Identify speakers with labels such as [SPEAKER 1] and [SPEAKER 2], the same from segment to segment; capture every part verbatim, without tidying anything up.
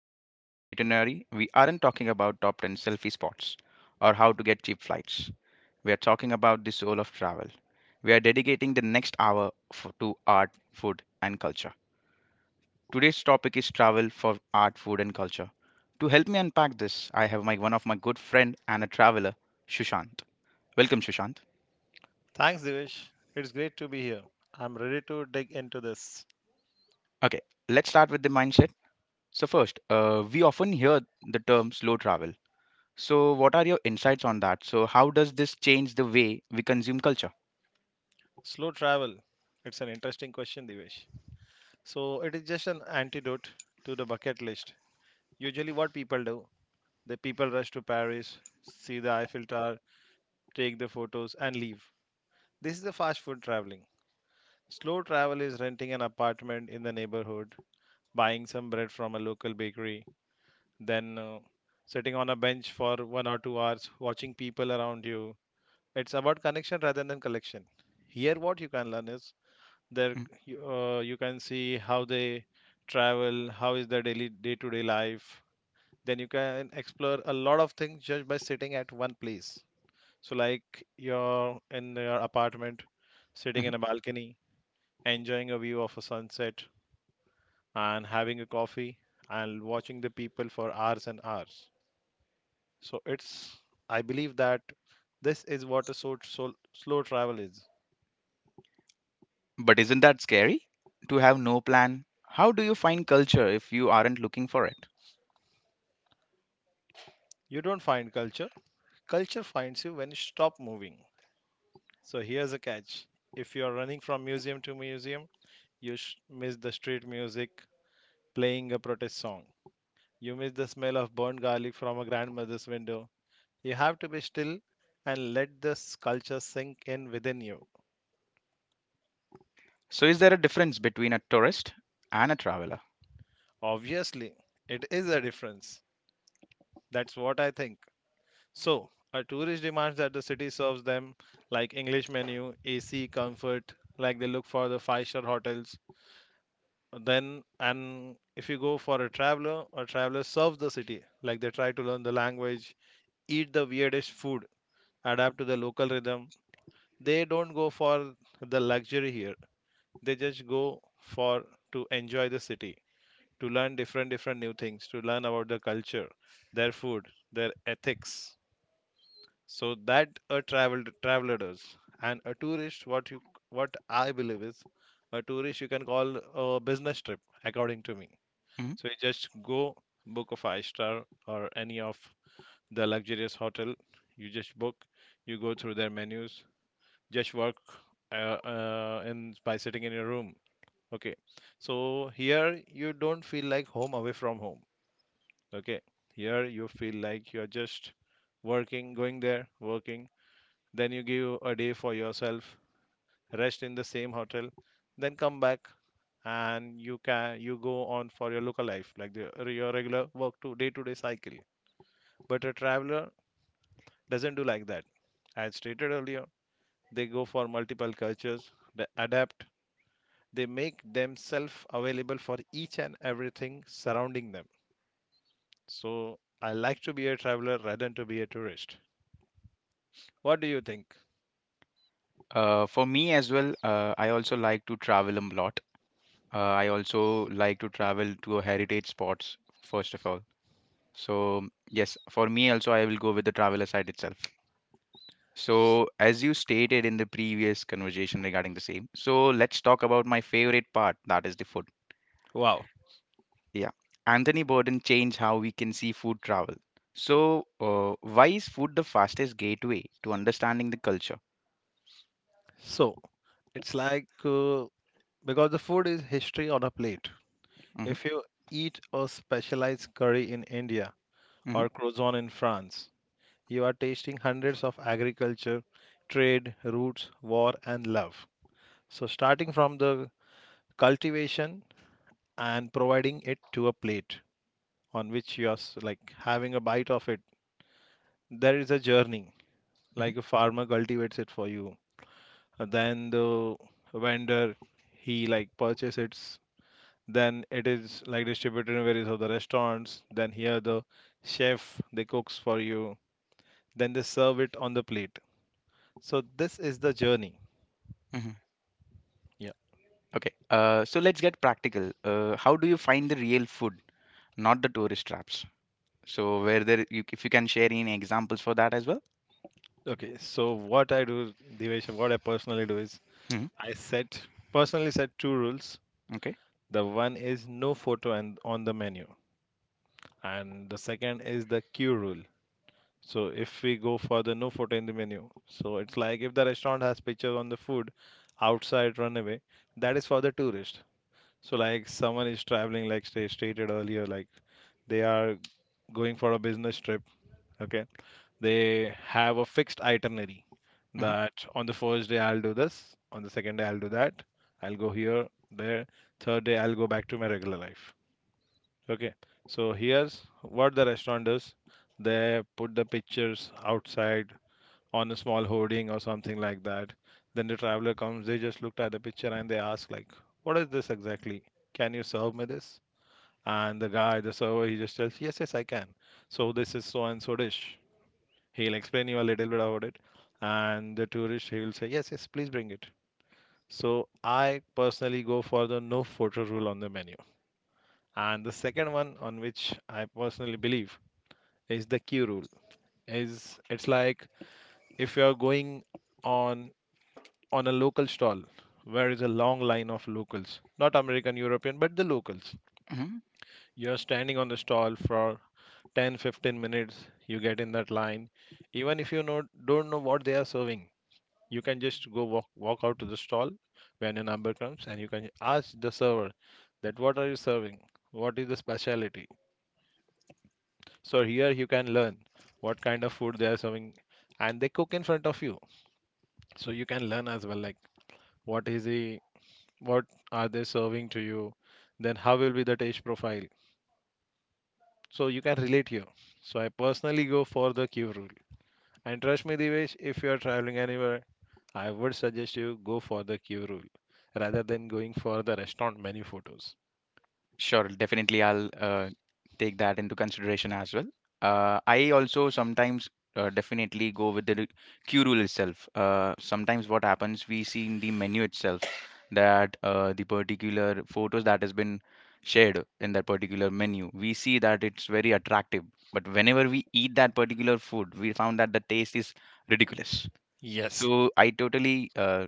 [SPEAKER 1] we are parking an itinerary. We aren't talking about top ten selfie spots or how to get cheap flights. We are talking about the soul of travel. We are dedicating the next hour f- to art, food, and culture. Today's topic is travel for art, food, and culture. To help me unpack this, I have my one of my good friend and a traveler, Shushant. Welcome, Shushant.
[SPEAKER 2] Thanks, Divesh. It's great to be here. I'm ready to dig into this.
[SPEAKER 1] Okay, let's start with the mindset. So first, uh, we often hear the term slow travel. So, what are your insights on that? So, how does this change the way we consume culture?
[SPEAKER 2] Slow travel. It's an interesting question, Divesh. So, it is just an antidote to the bucket list. Usually, what people do, the people rush to Paris, see the Eiffel Tower, take the photos, and leave. This is the fast food traveling. Slow travel is renting an apartment in the neighborhood, buying some bread from a local bakery, then uh, sitting on a bench for one or two hours, watching people around you. It's about connection rather than collection. Here, what you can learn is there.
[SPEAKER 1] Mhm,
[SPEAKER 2] You, uh, you can see how they travel, how is their daily day-to-day life. Then you can explore a lot of things just by sitting at one place. So, like you're in your apartment, sitting
[SPEAKER 1] mhm.
[SPEAKER 2] in a balcony, enjoying a view of a sunset, and having a coffee and watching the people for hours and hours. So, it's, I believe that this is what a so, so, slow travel is.
[SPEAKER 1] But isn't that scary to have no plan? How do you find culture if you aren't looking for it?
[SPEAKER 2] You don't find culture. Culture finds you when you stop moving. So here's a catch. If you're running from museum to museum, you sh- miss the street music playing a protest song. You miss the smell of burnt garlic from a grandmother's window. You have to be still and let this culture sink in within you.
[SPEAKER 1] So, is there a difference between a tourist and a traveler?
[SPEAKER 2] Obviously, it is a difference. That's what I think. So, a tourist demands that the city serves them, like English menu, A C, comfort, like they look for the five star hotels. Then and if you go for a traveler, a traveler serves the city. Like they try to learn the language, eat the weirdest food, adapt to the local rhythm. They don't go for the luxury here. They just go for, to enjoy the city, to learn different different new things, to learn about the culture, their food, their ethics. So that a travel traveler does. And a tourist, what you what i believe is, a tourist you can call a business trip, according to me.
[SPEAKER 1] Mhm.
[SPEAKER 2] So you just go book a five star or any of the luxurious hotel. You just book, you go through their menus, just work uh, uh, in by sitting in your room. Okay, so here you don't feel like home away from home. Okay, here you feel like you're just working, going there, working. Then you give a day for yourself, rest in the same hotel, then come back and you can you go on for your local life, like the, your regular work to day to day cycle. But a traveler doesn't do like that. As stated earlier, they go for multiple cultures, they adapt, they make themselves available for each and everything surrounding them. So I like to be a traveler rather than to be a tourist. What do you think?
[SPEAKER 1] Uh, for me as well, uh, I also like to travel a lot. Uh, I also like to travel to heritage spots, first of all. So, yes, for me also, I will go with the traveler side itself.
[SPEAKER 2] S-
[SPEAKER 1] So, as you stated in the previous conversation regarding the same, so let's talk about my favorite part, that is the food.
[SPEAKER 2] Wow.
[SPEAKER 1] Yeah. Anthony Bourdain changed how we can see food travel. So, uh, why is food the fastest gateway to understanding the culture?
[SPEAKER 2] So it's like, uh, because the food is history on a plate.
[SPEAKER 1] Hmm.
[SPEAKER 2] If you eat a specialized curry in India
[SPEAKER 1] Hmm.
[SPEAKER 2] or croissant in France, you are tasting hundreds of agriculture, trade, roots, war, and love. So, starting from the cultivation and providing it to a plate on which you are s- like having a bite of it, there is a journey. Like
[SPEAKER 1] Hmm.
[SPEAKER 2] a farmer cultivates it for you, then the vendor, he like purchases, then it is like distributed in various of the restaurants, then here the chef, they cooks for you, then they serve it on the plate. So this is the journey.
[SPEAKER 1] Hmm.
[SPEAKER 2] Yeah.
[SPEAKER 1] Okay. Uh, so let's get practical. Uh, how do you find the real food, not the tourist traps? So, where there, you, if you can share any examples for that as well.
[SPEAKER 2] Okay, so what I do, Divesh, what I personally do is
[SPEAKER 1] Hmm.
[SPEAKER 2] I set, personally set, two rules.
[SPEAKER 1] Okay.
[SPEAKER 2] The one is no photo and on the menu, and the second is the queue rule. So if we go for the no photo in the menu, so it's like if the restaurant has pictures on the food outside, runaway, that is for the tourist. So like someone is traveling, like sta- stated earlier, like they are going for a business trip. Okay, they have a fixed itinerary that on the first day I'll do this, on the second day I'll do that, I'll go here, there, third day I'll go back to my regular life. Okay, so here's what the restaurant does. They put the pictures outside on a small hoarding or something like that. Then the traveler comes, they just looked at the picture and they ask like, what is this exactly? Can you serve me this? And the guy, the server, he just tells, yes, yes, I can. So this is so and so dish. He'll explain you a little bit about it. And the tourist, he will say, yes, yes, please bring it. So I personally go for the no photo rule on the menu. And the second one on which I personally believe is the queue rule. Is it's like if you're going on on a local stall, where is a long line of locals, not American, European, but the locals.
[SPEAKER 1] Hmm.
[SPEAKER 2] You're standing on the stall for ten fifteen minutes. You get in that line even if you know, don't know what they are serving. You can just go walk walk out to the stall when your number comes, and you can ask the server that what are you serving, what is the specialty. So here you can learn what kind of food they are serving, and they cook in front of you. So you can learn as well, like what is the what are they serving to you, then how will be the taste profile. So you can relate here. So I personally go for the Q rule. And trust me, Divesh, if you are traveling anywhere, I would suggest you go for the queue rule rather than going for the restaurant menu photos.
[SPEAKER 1] Sure, definitely I'll uh, take that into consideration as well. Uh, I also sometimes uh, definitely go with the Q rule itself. Uh, sometimes what happens, we see in the menu itself that uh, the particular photos that has been shared in that particular menu, we see that it's very attractive. But whenever we eat that particular food, we found that the taste is ridiculous.
[SPEAKER 2] Yes,
[SPEAKER 1] So I totally uh,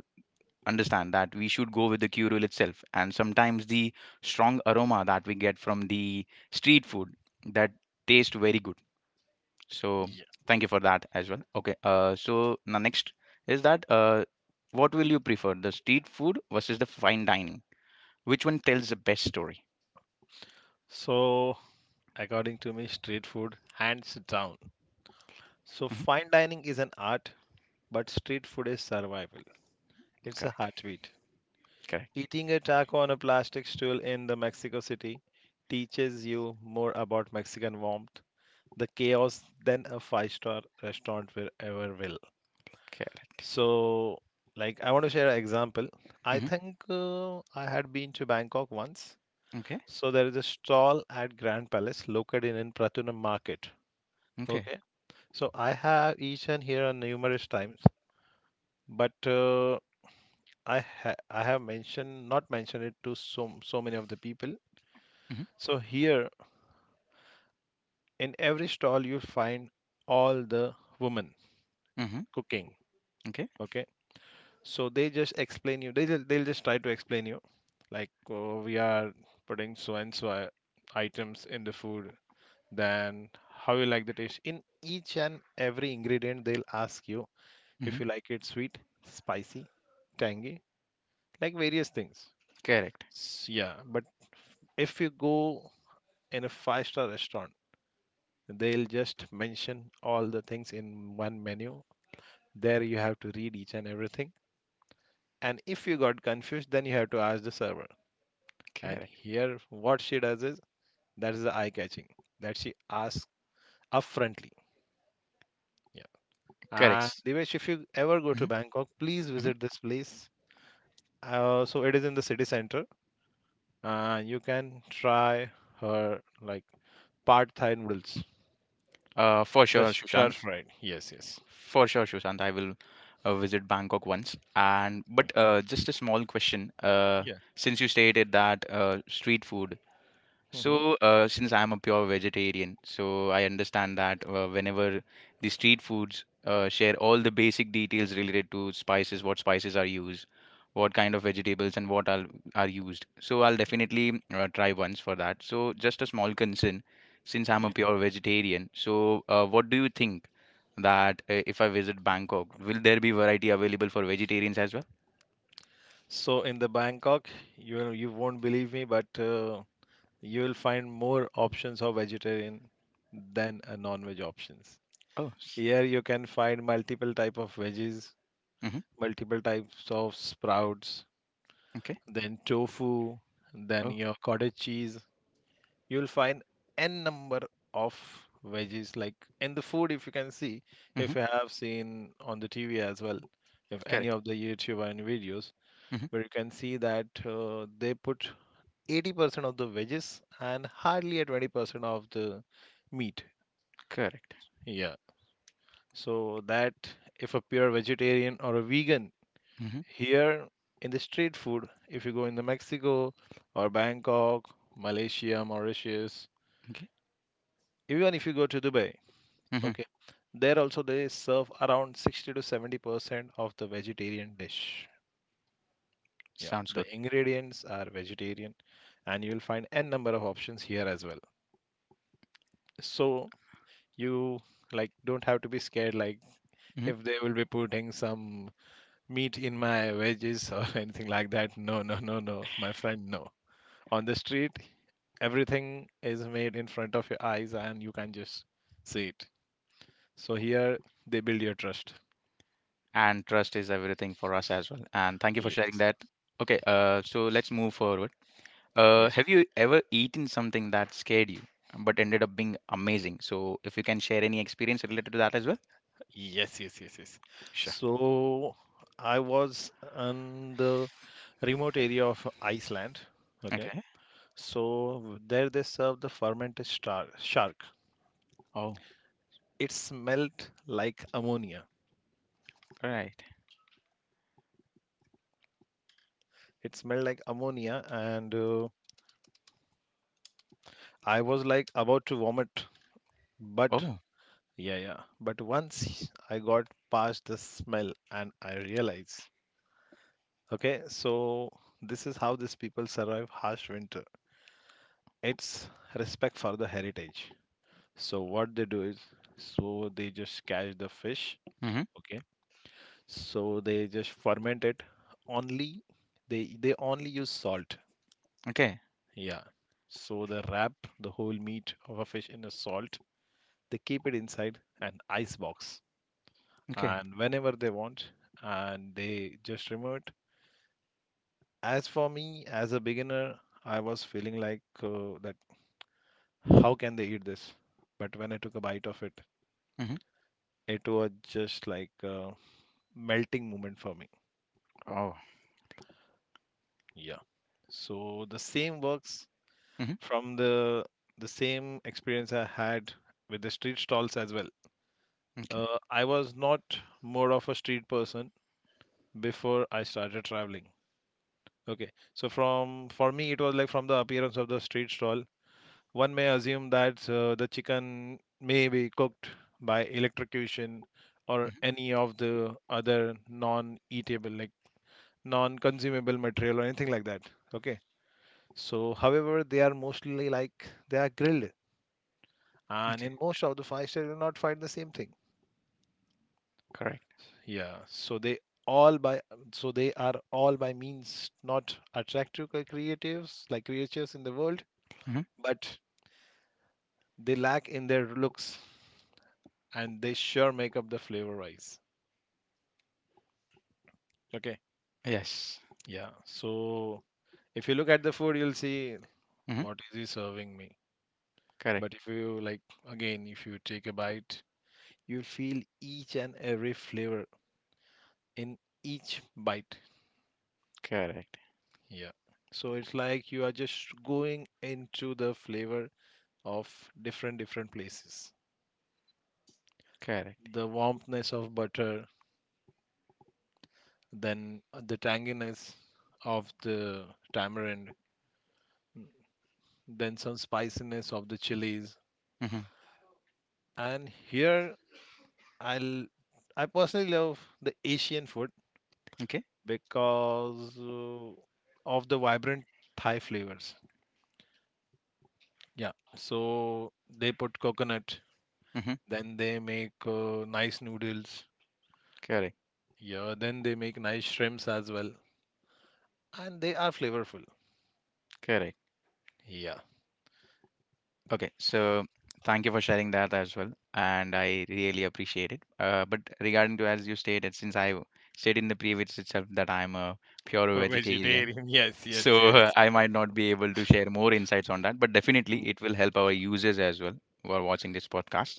[SPEAKER 1] understand that we should go with the curule itself. And sometimes the strong aroma that we get from the street food that taste very good. So
[SPEAKER 2] yeah.
[SPEAKER 1] thank you for that as well. Okay. Uh, so now next is that uh, what will you prefer, the street food versus the fine dining? Which one tells the best story?
[SPEAKER 2] So, according to me, street food hands down. So,
[SPEAKER 1] Hmm.
[SPEAKER 2] fine dining is an art, but street food is survival. It's a
[SPEAKER 1] Correct.
[SPEAKER 2] heartbeat.
[SPEAKER 1] Correct.
[SPEAKER 2] Eating a taco on a plastic stool in the Mexico City teaches you more about Mexican warmth, the chaos, than a five-star restaurant will ever will.
[SPEAKER 1] Correct.
[SPEAKER 2] So, like, I want to share an example. I
[SPEAKER 1] Hmm.
[SPEAKER 2] think, uh, I had been to Bangkok once.
[SPEAKER 1] Okay.
[SPEAKER 2] So, there is a stall at Grand Palace located in Pratunam Market.
[SPEAKER 1] Okay.
[SPEAKER 2] Okay. So, I have eaten here on numerous times, but uh, I ha I have mentioned, not mentioned it to so so many of the people.
[SPEAKER 1] Hmm.
[SPEAKER 2] So, here in every stall you'll find all the women
[SPEAKER 1] Hmm.
[SPEAKER 2] cooking.
[SPEAKER 1] Okay.
[SPEAKER 2] Okay. So they just explain you. They just, they'll just try to explain you, like oh, we are putting so and so i- items in the food. Then how you like the taste. In each and every ingredient, they'll ask you if
[SPEAKER 1] Hmm.
[SPEAKER 2] you like it sweet, spicy, tangy, like various things.
[SPEAKER 1] Correct.
[SPEAKER 2] S- Yeah, but if you go in a five-star restaurant, they'll just mention all the things in one menu. There you have to read each and everything. And if you got confused, then you have to ask the server. And
[SPEAKER 1] Correct.
[SPEAKER 2] here, what she does is, that is the eye catching, that she asks upfrontly. Yeah. And
[SPEAKER 1] Correct.
[SPEAKER 2] Divesh, if you ever go to
[SPEAKER 1] Hmm.
[SPEAKER 2] Bangkok, please
[SPEAKER 1] Hmm.
[SPEAKER 2] visit this place. Uh, so it is in the city center. Uh, you can try her, like pad thai noodles,
[SPEAKER 1] Uh, for
[SPEAKER 2] the
[SPEAKER 1] sure,
[SPEAKER 2] stir
[SPEAKER 1] Shushan.
[SPEAKER 2] fried. Yes, yes.
[SPEAKER 1] For sure, Sushant. I will uh, visit Bangkok once. And but
[SPEAKER 2] Mm.
[SPEAKER 1] uh, just a small question. Uh,
[SPEAKER 2] Yeah.
[SPEAKER 1] since you stated that uh, street food,
[SPEAKER 2] Hmm.
[SPEAKER 1] so uh, since I am a pure vegetarian, so I understand that uh, whenever the street foods uh, share all the basic details related to spices, what spices are used, what kind of vegetables and what are are used. So I'll definitely uh, try once for that. So just a small concern, since I'm a
[SPEAKER 2] Yeah.
[SPEAKER 1] pure vegetarian. So uh, what do you think that uh, if I visit Bangkok, will there be variety available for vegetarians as well?
[SPEAKER 2] So in the Bangkok, you will- you won't believe me, but uh, you will find more options of vegetarian than a non-veg options.
[SPEAKER 1] Oh,
[SPEAKER 2] Here you can find multiple type of veggies,
[SPEAKER 1] mm-hmm,
[SPEAKER 2] multiple types of sprouts,
[SPEAKER 1] okay.
[SPEAKER 2] then tofu, then
[SPEAKER 1] Oh,
[SPEAKER 2] your cottage cheese. You'll find n number of veggies, like in the food, if you can see,
[SPEAKER 1] mm-hmm,
[SPEAKER 2] if you have seen on the T V as well, if any
[SPEAKER 1] correct.
[SPEAKER 2] of the YouTuber and videos,
[SPEAKER 1] Mm-hmm,
[SPEAKER 2] where you can see that, uh, they put eighty percent of the veggies and hardly a twenty percent of the meat.
[SPEAKER 1] correct.
[SPEAKER 2] Yeah. So that if a pure vegetarian or a vegan.
[SPEAKER 1] Mm-hmm,
[SPEAKER 2] Here in the street food, if you go in the Mexico or Bangkok, Malaysia, Mauritius,
[SPEAKER 1] okay.
[SPEAKER 2] even if you go to Dubai,
[SPEAKER 1] Mm-hmm,
[SPEAKER 2] okay, there also they serve around sixty to seventy percent of the vegetarian dish. Yeah,
[SPEAKER 1] sounds
[SPEAKER 2] the
[SPEAKER 1] good.
[SPEAKER 2] ingredients are vegetarian, and you'll find n number of options here as well. So you, like, don't have to be scared, like
[SPEAKER 1] Mm-hmm.
[SPEAKER 2] if they will be putting some meat in my veggies or anything like that. No, no, no, no, my friend, no. On the street, everything is made in front of your eyes and you can just see it. So here they build your trust.
[SPEAKER 1] And trust is everything for us as well. And thank you for sharing
[SPEAKER 2] Yes.
[SPEAKER 1] that. Okay, uh, so let's move forward. Uh,
[SPEAKER 2] Yes, sir.
[SPEAKER 1] have you ever eaten something that scared you but ended up being amazing? So if you can share any experience related to that as well.
[SPEAKER 2] Yes, yes, yes, yes.
[SPEAKER 1] Sure.
[SPEAKER 2] So I was in the remote area of Iceland. Okay.
[SPEAKER 1] Okay.
[SPEAKER 2] So there they serve the fermented star- shark.
[SPEAKER 1] Oh,
[SPEAKER 2] it smelled like ammonia
[SPEAKER 1] right.
[SPEAKER 2] it smelled like ammonia and uh, I was like about to vomit, but.
[SPEAKER 1] Oh.
[SPEAKER 2] Yeah, yeah. But once I got past the smell and I realized, okay, so this is how these people survive harsh winter. It's respect for the heritage. So what they do is, so they just catch the fish,
[SPEAKER 1] Mm-hmm.
[SPEAKER 2] okay? So they just ferment it. Only they they only use salt.
[SPEAKER 1] Okay.
[SPEAKER 2] Yeah. So they wrap the whole meat of a fish in a salt. They keep it inside an ice box
[SPEAKER 1] Okay.
[SPEAKER 2] and whenever they want, and they just remote. As for me, as a beginner, I was feeling like uh, that how can they eat this? But when I took a bite of it,
[SPEAKER 1] Mm-hmm.
[SPEAKER 2] it was just like a melting moment for me.
[SPEAKER 1] Oh.
[SPEAKER 2] Yeah. So the same works
[SPEAKER 1] Mm-hmm.
[SPEAKER 2] from the the same experience I had with the street stalls as well.
[SPEAKER 1] Okay.
[SPEAKER 2] Uh, I was not more of a street person before I started traveling. Okay, so from for me it was like from the appearance of the street stall. One may assume that uh, the chicken may be cooked by electrocution or any of the other non-eatable, like non-consumable material or anything like that. Okay. So, however, they are mostly like they are grilled, and
[SPEAKER 1] Okay.
[SPEAKER 2] in most of the five star, you will not find the same thing.
[SPEAKER 1] Correct.
[SPEAKER 2] Yeah, so they all by so they are all by means not attractive cre- creatives like creatures in the world,
[SPEAKER 1] Hmm.
[SPEAKER 2] but they lack in their looks and they sure make up the flavor wise. Okay.
[SPEAKER 1] Yes.
[SPEAKER 2] Yeah. So if you look at the food, you'll see
[SPEAKER 1] Hmm.
[SPEAKER 2] what is he serving me.
[SPEAKER 1] Correct.
[SPEAKER 2] But if you like, again, if you take a bite, you'll feel each and every flavor in each bite.
[SPEAKER 1] Correct.
[SPEAKER 2] Yeah. So it's like you are just going into the flavor of different different places.
[SPEAKER 1] Correct.
[SPEAKER 2] The warmthness of butter, then uh, the tanginess of the tamarind, then some spiciness of the chilies.
[SPEAKER 1] Hmm.
[SPEAKER 2] And here I'll I personally love the Asian food
[SPEAKER 1] Okay.
[SPEAKER 2] because uh, of the vibrant Thai flavors. Yeah, so they put coconut,
[SPEAKER 1] Hmm.
[SPEAKER 2] then they make uh, nice noodles.
[SPEAKER 1] Correct.
[SPEAKER 2] Yeah, then they make nice shrimps as well, and they are flavorful.
[SPEAKER 1] Correct.
[SPEAKER 2] Yeah,
[SPEAKER 1] Okay. So thank you for sharing that as well, and I really appreciate it. Uh, but regarding to as you stated, since I said in the previous itself that I'm a pure vegetarian.
[SPEAKER 2] vegetarian. Yes, yes,
[SPEAKER 1] So uh,
[SPEAKER 2] yes.
[SPEAKER 1] I might not be able to share more insights on that, but
[SPEAKER 2] Mm.
[SPEAKER 1] definitely it will help our users as well who are watching this podcast.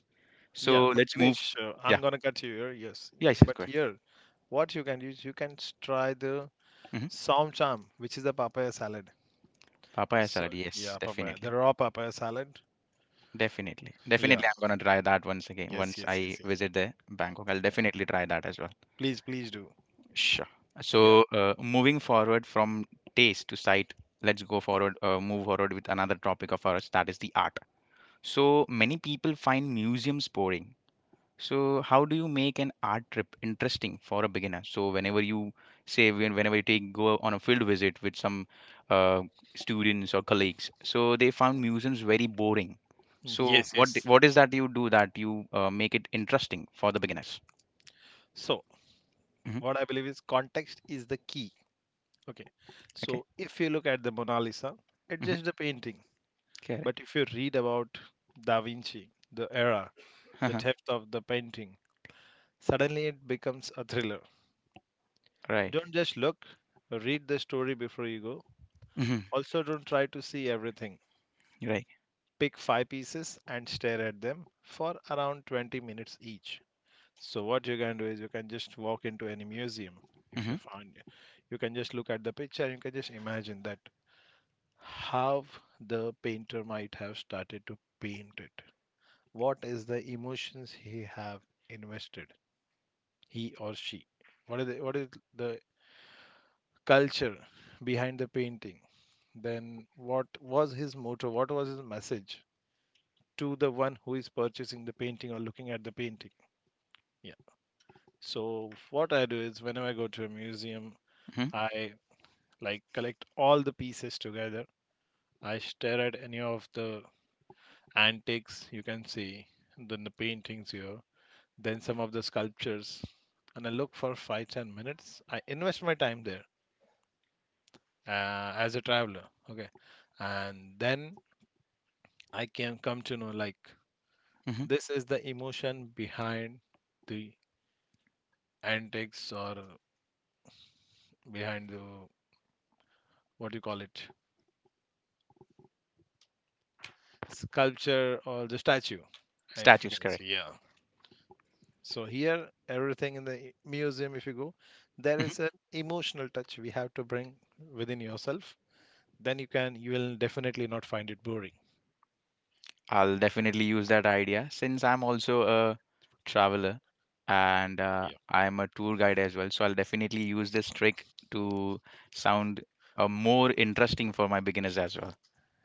[SPEAKER 2] Yeah,
[SPEAKER 1] So
[SPEAKER 2] but
[SPEAKER 1] let's move.
[SPEAKER 2] Divesh, uh, I'm
[SPEAKER 1] Yeah,
[SPEAKER 2] gonna cut you here. Yes,
[SPEAKER 1] yeah, yes, yes,
[SPEAKER 2] but
[SPEAKER 1] go ahead.
[SPEAKER 2] here, what you can use, you can s- try the
[SPEAKER 1] Hmm.
[SPEAKER 2] som cham, which is the papaya salad.
[SPEAKER 1] Papaya
[SPEAKER 2] So
[SPEAKER 1] salad, yes,
[SPEAKER 2] yeah, papaya. The
[SPEAKER 1] definitely.
[SPEAKER 2] raw papaya salad.
[SPEAKER 1] Definitely.
[SPEAKER 2] Yeah.
[SPEAKER 1] Definitely, I'm gonna try that once again.
[SPEAKER 2] Yes,
[SPEAKER 1] Once
[SPEAKER 2] yes,
[SPEAKER 1] I
[SPEAKER 2] yes, yes.
[SPEAKER 1] visit the Bangkok, I'll
[SPEAKER 2] Yeah.
[SPEAKER 1] definitely try that as well.
[SPEAKER 2] Please, please do.
[SPEAKER 1] Sure.
[SPEAKER 2] Yeah.
[SPEAKER 1] So, uh, moving forward from taste to sight, let's go forward, uh, move forward with another topic of ours, that is the art. So, many people find museums boring, so, how do you make an art trip interesting for a beginner? So, whenever you say when whenever you take go on a field visit with some uh, students or colleagues, so they found museums very boring. So,
[SPEAKER 2] Yes,
[SPEAKER 1] what d-
[SPEAKER 2] yes.
[SPEAKER 1] what is that you do that you uh, make it interesting for the beginners?
[SPEAKER 2] So
[SPEAKER 1] Hmm.
[SPEAKER 2] what I believe is context is the key. Okay.
[SPEAKER 1] Okay.
[SPEAKER 2] So if you look at the Mona Lisa, it's just a
[SPEAKER 1] Hmm.
[SPEAKER 2] painting.
[SPEAKER 1] Correct.
[SPEAKER 2] But if you read about Da Vinci, the era, the theft of the painting, suddenly it becomes a thriller.
[SPEAKER 1] Right.
[SPEAKER 2] Don't just look, read the story before you go.
[SPEAKER 1] Hmm.
[SPEAKER 2] Also, don't try to see everything.
[SPEAKER 1] Right.
[SPEAKER 2] Pick five pieces and stare at them for around twenty minutes each. So what you can do is you can just walk into any museum if you
[SPEAKER 1] Hmm.
[SPEAKER 2] find it. You can just look at the picture and you can just imagine that how the painter might have started to paint it. What is the emotions he have invested, he or she? What is the, what is the culture behind the painting? Then what was his motto? What was his message to the one who is purchasing the painting or looking at the painting? Yeah. So what I do is whenever I go to a museum,
[SPEAKER 1] Hmm.
[SPEAKER 2] I like collect all the pieces together. I stare at any of the antiques you can see, and then the paintings here, then some of the sculptures, and I look for five ten minutes. I invest my time there uh, as a traveler. Okay, and then I can come to know like
[SPEAKER 1] Hmm.
[SPEAKER 2] this is the emotion behind the antiques or behind the, what do you call it, sculpture or the statue, uh, if you
[SPEAKER 1] Statues.
[SPEAKER 2] can
[SPEAKER 1] Correct.
[SPEAKER 2] see. Yeah, so here everything in the i- museum if you go, there
[SPEAKER 1] Mm-hmm.
[SPEAKER 2] is an emotional touch we have to bring within yourself, then you can you will definitely not find it boring.
[SPEAKER 1] I'll definitely use that idea since I'm also a traveler and uh,
[SPEAKER 2] Yeah,
[SPEAKER 1] I'm a tour guide as well. So I'll definitely use this trick to sound uh, more interesting for my beginners as well.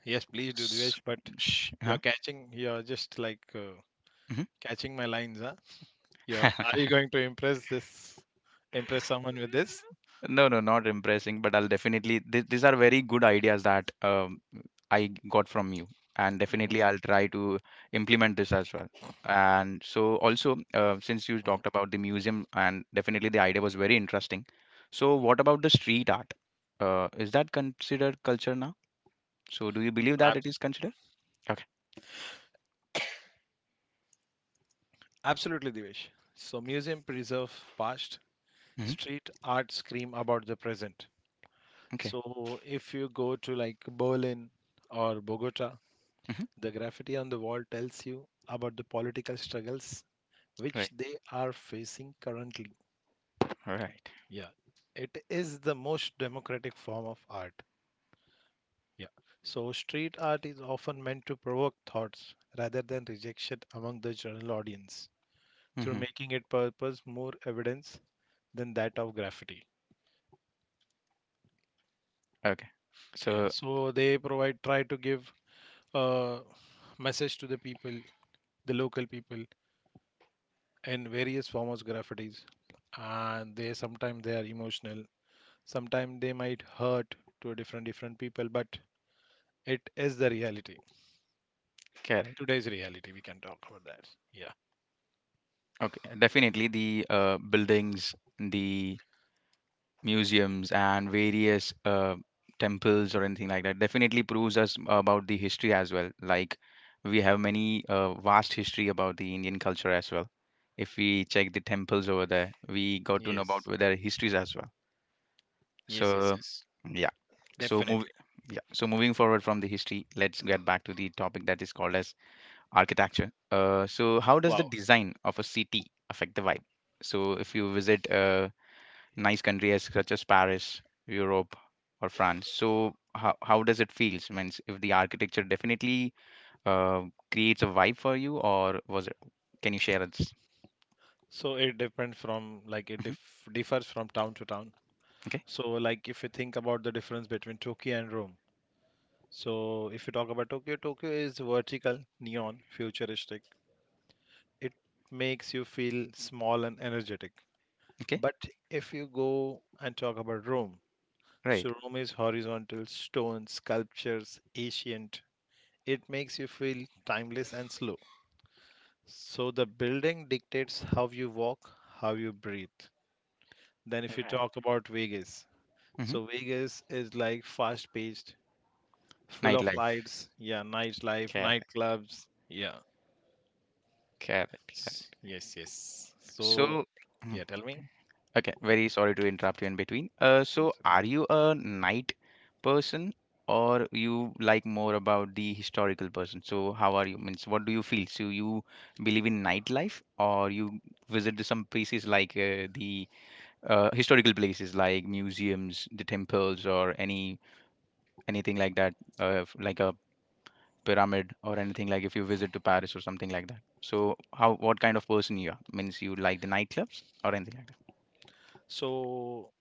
[SPEAKER 2] yes please do,
[SPEAKER 1] S-
[SPEAKER 2] Dvesh, but
[SPEAKER 1] sh- huh?
[SPEAKER 2] you're catching, you're just like uh,
[SPEAKER 1] Mhm.
[SPEAKER 2] catching my lines, huh? you're are you going to impress this, impress someone with this?
[SPEAKER 1] No, no, not impressing, but I'll definitely. Th These are very good ideas that um, I g- got from you, and
[SPEAKER 2] Hmm.
[SPEAKER 1] definitely I'll try to implement this as well. And so, also, uh, since you
[SPEAKER 2] Hmm.
[SPEAKER 1] talked about the museum, and definitely the idea was very interesting. So, what about the street art? Uh, is that considered culture now? So, do you believe that
[SPEAKER 2] Ab-
[SPEAKER 1] it is considered? Okay.
[SPEAKER 2] Absolutely, Divesh. So museum preserve past,
[SPEAKER 1] Hmm.
[SPEAKER 2] street art scream about the present.
[SPEAKER 1] Okay.
[SPEAKER 2] So if you go to like Berlin or Bogota,
[SPEAKER 1] Hmm.
[SPEAKER 2] the graffiti on the wall tells you about the political struggles
[SPEAKER 1] Right.
[SPEAKER 2] which they are facing currently.
[SPEAKER 1] All right.
[SPEAKER 2] Yeah, it is the most democratic form of art. Yeah. So street art is often meant to provoke thoughts rather than rejection among the general audience through
[SPEAKER 1] Mm-hmm.
[SPEAKER 2] making its purpose more evidence than that of graffiti.
[SPEAKER 1] Okay.
[SPEAKER 2] Yeah,
[SPEAKER 1] So,
[SPEAKER 2] so they provide try to give uh, message to the people, the local people, in various forms of graffitis. And they sometimes they are emotional, sometimes they might hurt to different different people, but it is the reality.
[SPEAKER 1] correct.
[SPEAKER 2] Today's reality, we can talk about that. Yeah.
[SPEAKER 1] Okay. Definitely the uh, buildings, the museums and various uh, temples or anything like that definitely proves us about the history as well, like we have many uh, vast history about the indian culture as well. If we check the temples over there we got to know about
[SPEAKER 2] Yes.
[SPEAKER 1] their histories as well,
[SPEAKER 2] Yes. Yes.
[SPEAKER 1] so
[SPEAKER 2] Yes.
[SPEAKER 1] yeah. so move
[SPEAKER 2] Definitely.
[SPEAKER 1] yeah so moving forward from the history let's get back to the topic that is called as architecture. Uh, so how does the
[SPEAKER 2] Wow.
[SPEAKER 1] design of a city affect the vibe, so if you visit uh, nice countries such as Paris, Europe, or France. So how how does it feel? Means if the architecture definitely uh, creates a vibe for you, or was it? Can you share it?
[SPEAKER 2] So it depends from like it
[SPEAKER 1] Hmm.
[SPEAKER 2] dif- differs from town to town.
[SPEAKER 1] Okay,
[SPEAKER 2] So like if you think about the difference between Tokyo and Rome. So, if you talk about Tokyo, Tokyo is vertical, neon, futuristic. It makes you feel small and energetic.
[SPEAKER 1] okay,
[SPEAKER 2] But if you go and talk about Rome,
[SPEAKER 1] right.
[SPEAKER 2] so Rome is horizontal, stone, sculptures, ancient. It makes you feel timeless and slow. So, the building dictates how you walk, how you breathe. Then, if you
[SPEAKER 1] Right.
[SPEAKER 2] talk about Vegas,
[SPEAKER 1] Hmm.
[SPEAKER 2] so Vegas is like fast paced, full of
[SPEAKER 1] Nightlife.
[SPEAKER 2] lights, yeah, nightlife,
[SPEAKER 1] Correct.
[SPEAKER 2] nightclubs. Yeah.
[SPEAKER 1] Correct.
[SPEAKER 2] S-
[SPEAKER 1] Correct.
[SPEAKER 2] Yes, yes. So,
[SPEAKER 1] So. Mm.
[SPEAKER 2] yeah, tell me.
[SPEAKER 1] Okay, very sorry to interrupt you in between. Uh,
[SPEAKER 2] Mm.
[SPEAKER 1] so are you a night person or you like more about the historical person? So how are you? Means what do you feel? So you believe in nightlife or you visit the some places like uh, the uh, historical places like museums, the temples or any anything like that, uh, f- like a pyramid or anything like if you visit to Paris or something like that. So how what kind of person you are? Means you like the nightclubs or anything like
[SPEAKER 2] So,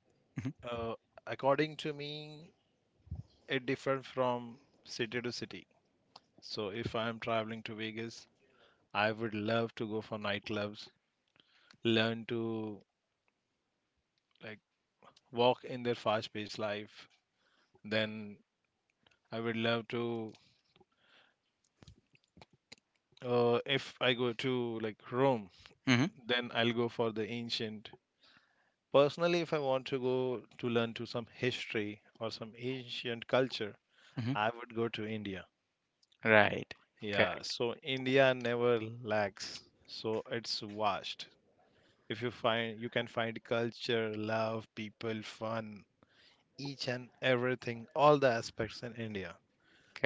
[SPEAKER 1] that?
[SPEAKER 2] uh, according to me, it differs from city to city. So, if I'm traveling to Vegas, I would love to go for nightclubs, learn to like walk in their fast-paced life. Then I would love to, uh, if I go to like Rome,
[SPEAKER 1] Hmm.
[SPEAKER 2] then I'll go for the ancient. Personally, if I want to go to learn to some history or some ancient culture,
[SPEAKER 1] Hmm.
[SPEAKER 2] I would go to India.
[SPEAKER 1] Right.
[SPEAKER 2] Yeah,
[SPEAKER 1] Correct.
[SPEAKER 2] so India never lacks. So it's vast. If you find you can find culture, love, people, fun, each and everything, all the aspects in India.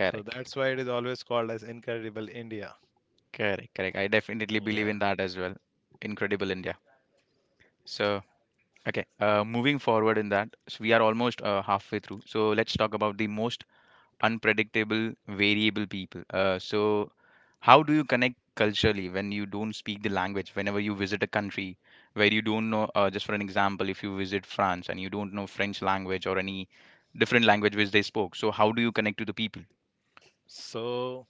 [SPEAKER 2] So that's why it is always called as incredible India.
[SPEAKER 1] Correct. Correct. I definitely believe
[SPEAKER 2] Yeah.
[SPEAKER 1] in that as well. Incredible India. So, okay, uh, moving forward in that, so we are almost uh, halfway through. So, let's talk about the most unpredictable, variable people. Uh, so, how do you connect culturally when you don't speak the language? Whenever you visit a country where you don't know, uh, just for an example, if you visit France and you don't know French language or any different language which they spoke, so how do you connect to the people?
[SPEAKER 2] So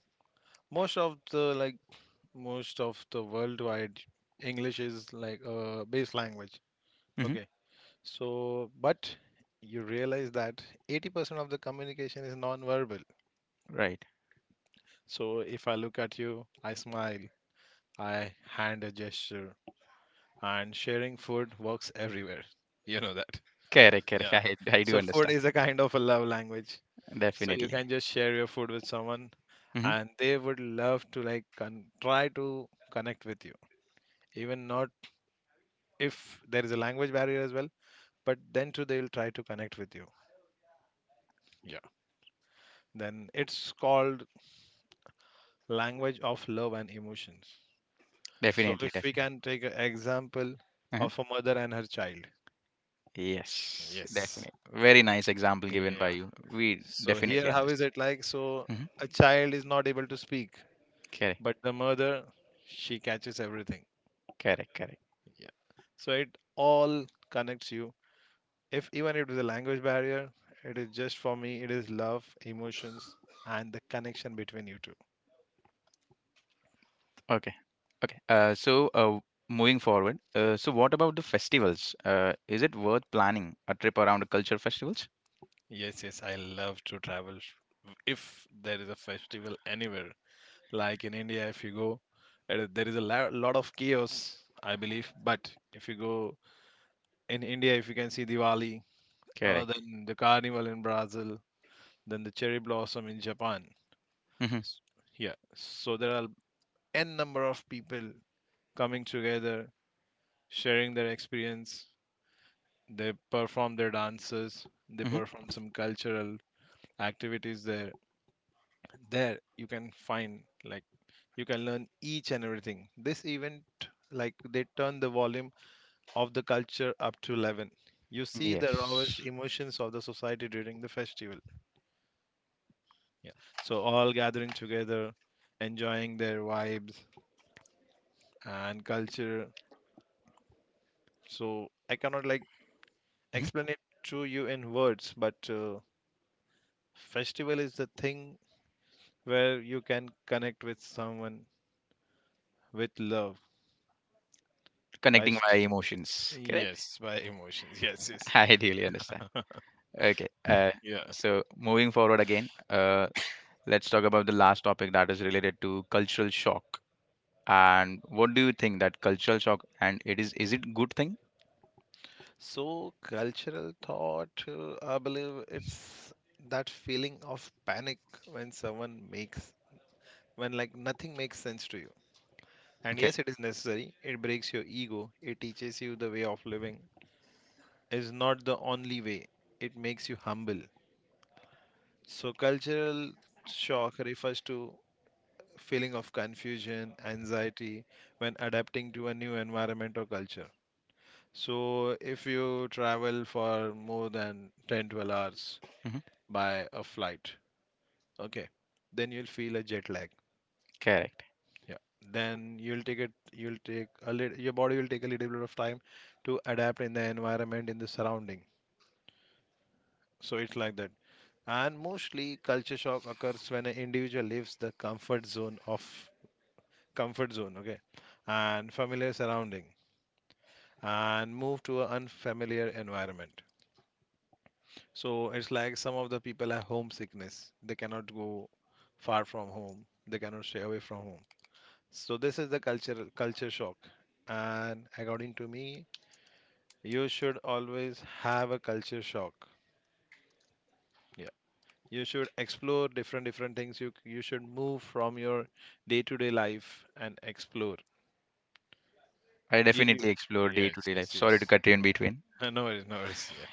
[SPEAKER 2] most of the, like, most of the worldwide English is like a base language.
[SPEAKER 1] Hmm.
[SPEAKER 2] Okay. So but you realize that eighty percent of the communication is non-verbal.
[SPEAKER 1] Right.
[SPEAKER 2] So if I look at you, I smile, I hand a gesture, and sharing food works everywhere. You know that.
[SPEAKER 1] Correct, correct.
[SPEAKER 2] Yeah.
[SPEAKER 1] I I do
[SPEAKER 2] So food
[SPEAKER 1] understand.
[SPEAKER 2] is a kind of a love language. So you
[SPEAKER 1] Definitely.
[SPEAKER 2] can just share your food with someone
[SPEAKER 1] Mhm.
[SPEAKER 2] and they would love to like con- try to connect with you. Even not if there is a language barrier as well, but then too they will try to connect with you. Yeah. Then it's called language of love and emotions. So
[SPEAKER 1] Definitely,
[SPEAKER 2] if we
[SPEAKER 1] definitely.
[SPEAKER 2] can take an example
[SPEAKER 1] Uh-huh.
[SPEAKER 2] of a mother and her child.
[SPEAKER 1] Yes,
[SPEAKER 2] Yes.
[SPEAKER 1] definitely. Very nice example given by
[SPEAKER 2] Yeah.
[SPEAKER 1] you. We
[SPEAKER 2] So
[SPEAKER 1] definitely
[SPEAKER 2] here, how is
[SPEAKER 1] understand.
[SPEAKER 2] it like? So
[SPEAKER 1] Mhm.
[SPEAKER 2] a child is not able to speak,
[SPEAKER 1] Correct,
[SPEAKER 2] but the mother, she catches everything.
[SPEAKER 1] correct, correct.
[SPEAKER 2] Yeah. So it all connects you. If even it is a language barrier, it is just for me, it is love, emotions, and the connection between you two.
[SPEAKER 1] Okay, okay. Uh, so, uh, moving forward, uh, so what about the festivals? Uh, is it worth planning a trip around culture festivals?
[SPEAKER 2] Yes, yes, I love to travel. If there is a festival anywhere, like in India, if you go, uh, there is a la- lot of chaos, I believe. But if you go in India, if you can see Diwali, uh,
[SPEAKER 1] Correct.
[SPEAKER 2] then the carnival in Brazil, then the cherry blossom in Japan.
[SPEAKER 1] Hmm.
[SPEAKER 2] S- Yeah, so there are n number of people coming together, sharing their experience. They perform their dances, they
[SPEAKER 1] Hmm.
[SPEAKER 2] perform some cultural activities there. There you can find like you can learn each and everything. This event like they turn the volume of the culture up to eleven. You see the rawest
[SPEAKER 1] Yes.
[SPEAKER 2] emotions of the society during the festival. Yeah. So all gathering together, enjoying their vibes and culture. So I cannot like
[SPEAKER 1] Hmm.
[SPEAKER 2] explain it to you in words, but uh, festival is the thing where you can connect with someone with love by
[SPEAKER 1] Connecting
[SPEAKER 2] s-
[SPEAKER 1] via emotions. Correct.
[SPEAKER 2] yes, by emotions. Yes, yes.
[SPEAKER 1] I ideally understand. Okay. Uh,
[SPEAKER 2] Yeah.
[SPEAKER 1] so moving forward again, uh, let's talk about the last topic that is related to cultural shock. And what do you think that cultural shock, and it is is it good thing?
[SPEAKER 2] So cultural thought, uh, I believe it's that feeling of panic, when someone makes when like nothing makes sense to you. And
[SPEAKER 1] Okay.
[SPEAKER 2] yes, it is necessary. It breaks your ego. It teaches you the way of living is not the only way. It makes you humble. So cultural shock refers to feeling of confusion, anxiety when adapting to a new environment or culture. So if you travel for more than ten, twelve hours
[SPEAKER 1] Hmm.
[SPEAKER 2] by a flight, okay, then you'll feel a jet lag.
[SPEAKER 1] Correct.
[SPEAKER 2] Yeah. Then you'll take it. You'll take a little. Your body will take a little bit of time to adapt in the environment in the surrounding. So it's like that. And mostly culture shock occurs when an individual leaves the comfort zone of comfort zone, okay, and familiar surrounding, and move to an unfamiliar environment. So it's like some of the people have homesickness. They cannot go far from home. They cannot stay away from home. So this is the culture culture shock. And according to me, you should always have a culture shock. Yeah, you should explore different different things, you you should move from your day to day life and explore.
[SPEAKER 1] I
[SPEAKER 2] You,
[SPEAKER 1] definitely explore
[SPEAKER 2] yes,
[SPEAKER 1] day-to-day life.
[SPEAKER 2] yes,
[SPEAKER 1] Sorry to
[SPEAKER 2] yes.
[SPEAKER 1] cut you in between.
[SPEAKER 2] No worries, no worries. Yeah.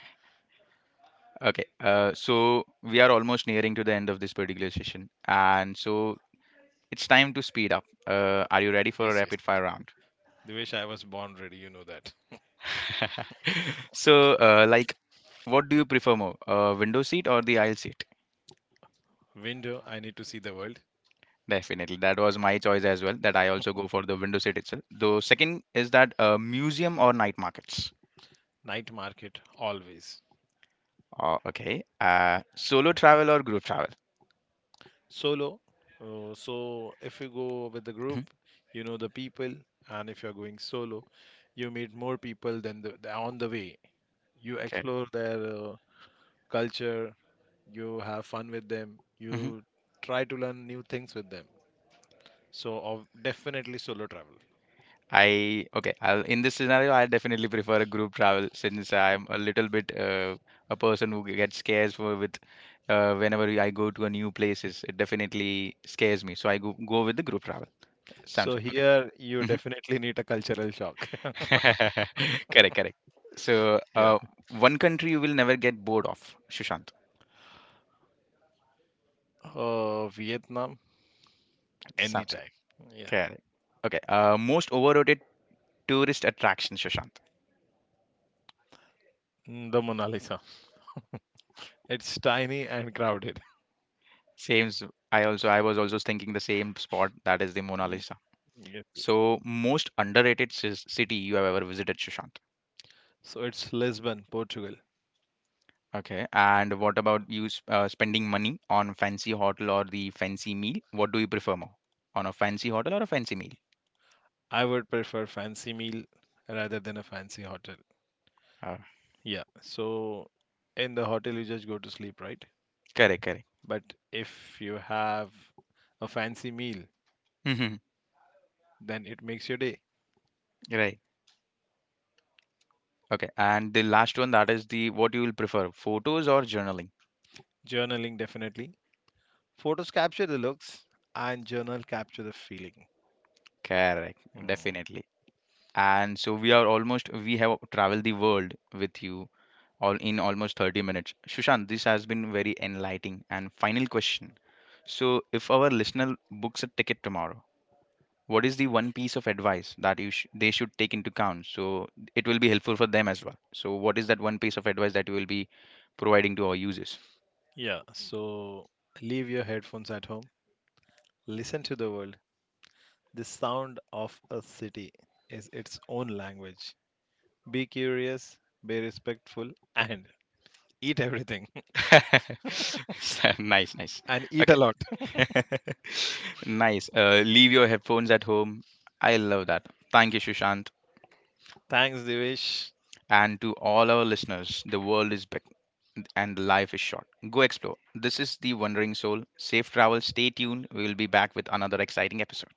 [SPEAKER 1] Okay. Uh, so we are almost nearing to the end of this particular session, and so it's time to speed up. Uh, are you ready for a
[SPEAKER 2] Yes, yes,
[SPEAKER 1] rapid
[SPEAKER 2] yes.
[SPEAKER 1] fire round?
[SPEAKER 2] The wish I was born ready, you know that.
[SPEAKER 1] So, uh, like, what do you prefer more, a window seat or the aisle seat?
[SPEAKER 2] Window, I need to see the world.
[SPEAKER 1] Definitely. That was my choice as well, that I also go for the window seat itself. The second is that uh, museum or night markets.
[SPEAKER 2] Night market, always.
[SPEAKER 1] Uh, okay. Uh, solo travel or group travel?
[SPEAKER 2] Solo. uh, so if you go with the
[SPEAKER 1] Mhm.
[SPEAKER 2] group, you know the people, and if you're going solo, you meet more people than the, the- on the way. You
[SPEAKER 1] Okay.
[SPEAKER 2] explore their uh, culture, you have fun with them,
[SPEAKER 1] Hmm.
[SPEAKER 2] you try to learn new things with them. So, of definitely solo travel.
[SPEAKER 1] I okay. I'll, in this scenario, I definitely prefer a group travel since I'm a little bit uh, a person who gets scares for, with uh, whenever I go to a new places. It definitely scares me. So I go go with the group travel.
[SPEAKER 2] So,
[SPEAKER 1] Sounds okay.
[SPEAKER 2] here you
[SPEAKER 1] Mm-hmm.
[SPEAKER 2] definitely need a cultural shock.
[SPEAKER 1] Correct, correct. So,
[SPEAKER 2] Yeah.
[SPEAKER 1] uh, one country you will never get bored of, Sushant.
[SPEAKER 2] Uh, Vietnam,
[SPEAKER 1] Sounds good.
[SPEAKER 2] anytime. Yeah.
[SPEAKER 1] Correct. Okay. Uh, most overrated tourist attraction, Sushant.
[SPEAKER 2] Mm. The Mona Lisa. It's tiny and crowded.
[SPEAKER 1] Same. s- I also I was also thinking the same spot that is the Mona
[SPEAKER 2] Mm.
[SPEAKER 1] Lisa.
[SPEAKER 2] Yes, yes.
[SPEAKER 1] So, most underrated cis- city you have ever visited, Sushant.
[SPEAKER 2] So it's Lisbon, Portugal.
[SPEAKER 1] Okay. And what about you sp- uh, spending money on fancy hotel or the fancy meal? What do you prefer more, on a fancy hotel or a fancy meal?
[SPEAKER 2] I would prefer fancy meal rather than a fancy hotel.
[SPEAKER 1] Uh,
[SPEAKER 2] Yeah. So in the hotel you just go to sleep, right?
[SPEAKER 1] Correct,
[SPEAKER 2] But if you have a fancy meal,
[SPEAKER 1] correct.
[SPEAKER 2] then it makes your day.
[SPEAKER 1] Right. Okay, and the last one that is the what you will prefer, photos or journaling?
[SPEAKER 2] Journaling definitely. Photos capture the looks and journal capture the feeling.
[SPEAKER 1] Correct,
[SPEAKER 2] Hmm.
[SPEAKER 1] definitely. And so we are almost we have traveled the world with you all in almost thirty minutes. Sushant, this has been very enlightening. And final question. So if our listener books a ticket tomorrow, what is the one piece of advice that you sh they should take into account? So it will be helpful for them as well. So what is that one piece of advice that you will be providing to our users?
[SPEAKER 2] Yeah, so leave your headphones at home. Listen to the world. The sound of a city is its own language. Be curious, be respectful, and eat everything.
[SPEAKER 1] Nice, nice.
[SPEAKER 2] And eat a
[SPEAKER 1] Okay.
[SPEAKER 2] lot.
[SPEAKER 1] Nice. Uh, leave your headphones at home. I love that. Thank you, Sushant.
[SPEAKER 2] Thanks, Divish.
[SPEAKER 1] And to all our listeners, the world is big and life is short. Go explore. This is The Wandering Soul. Safe travel. Stay tuned. We will be back with another exciting episode.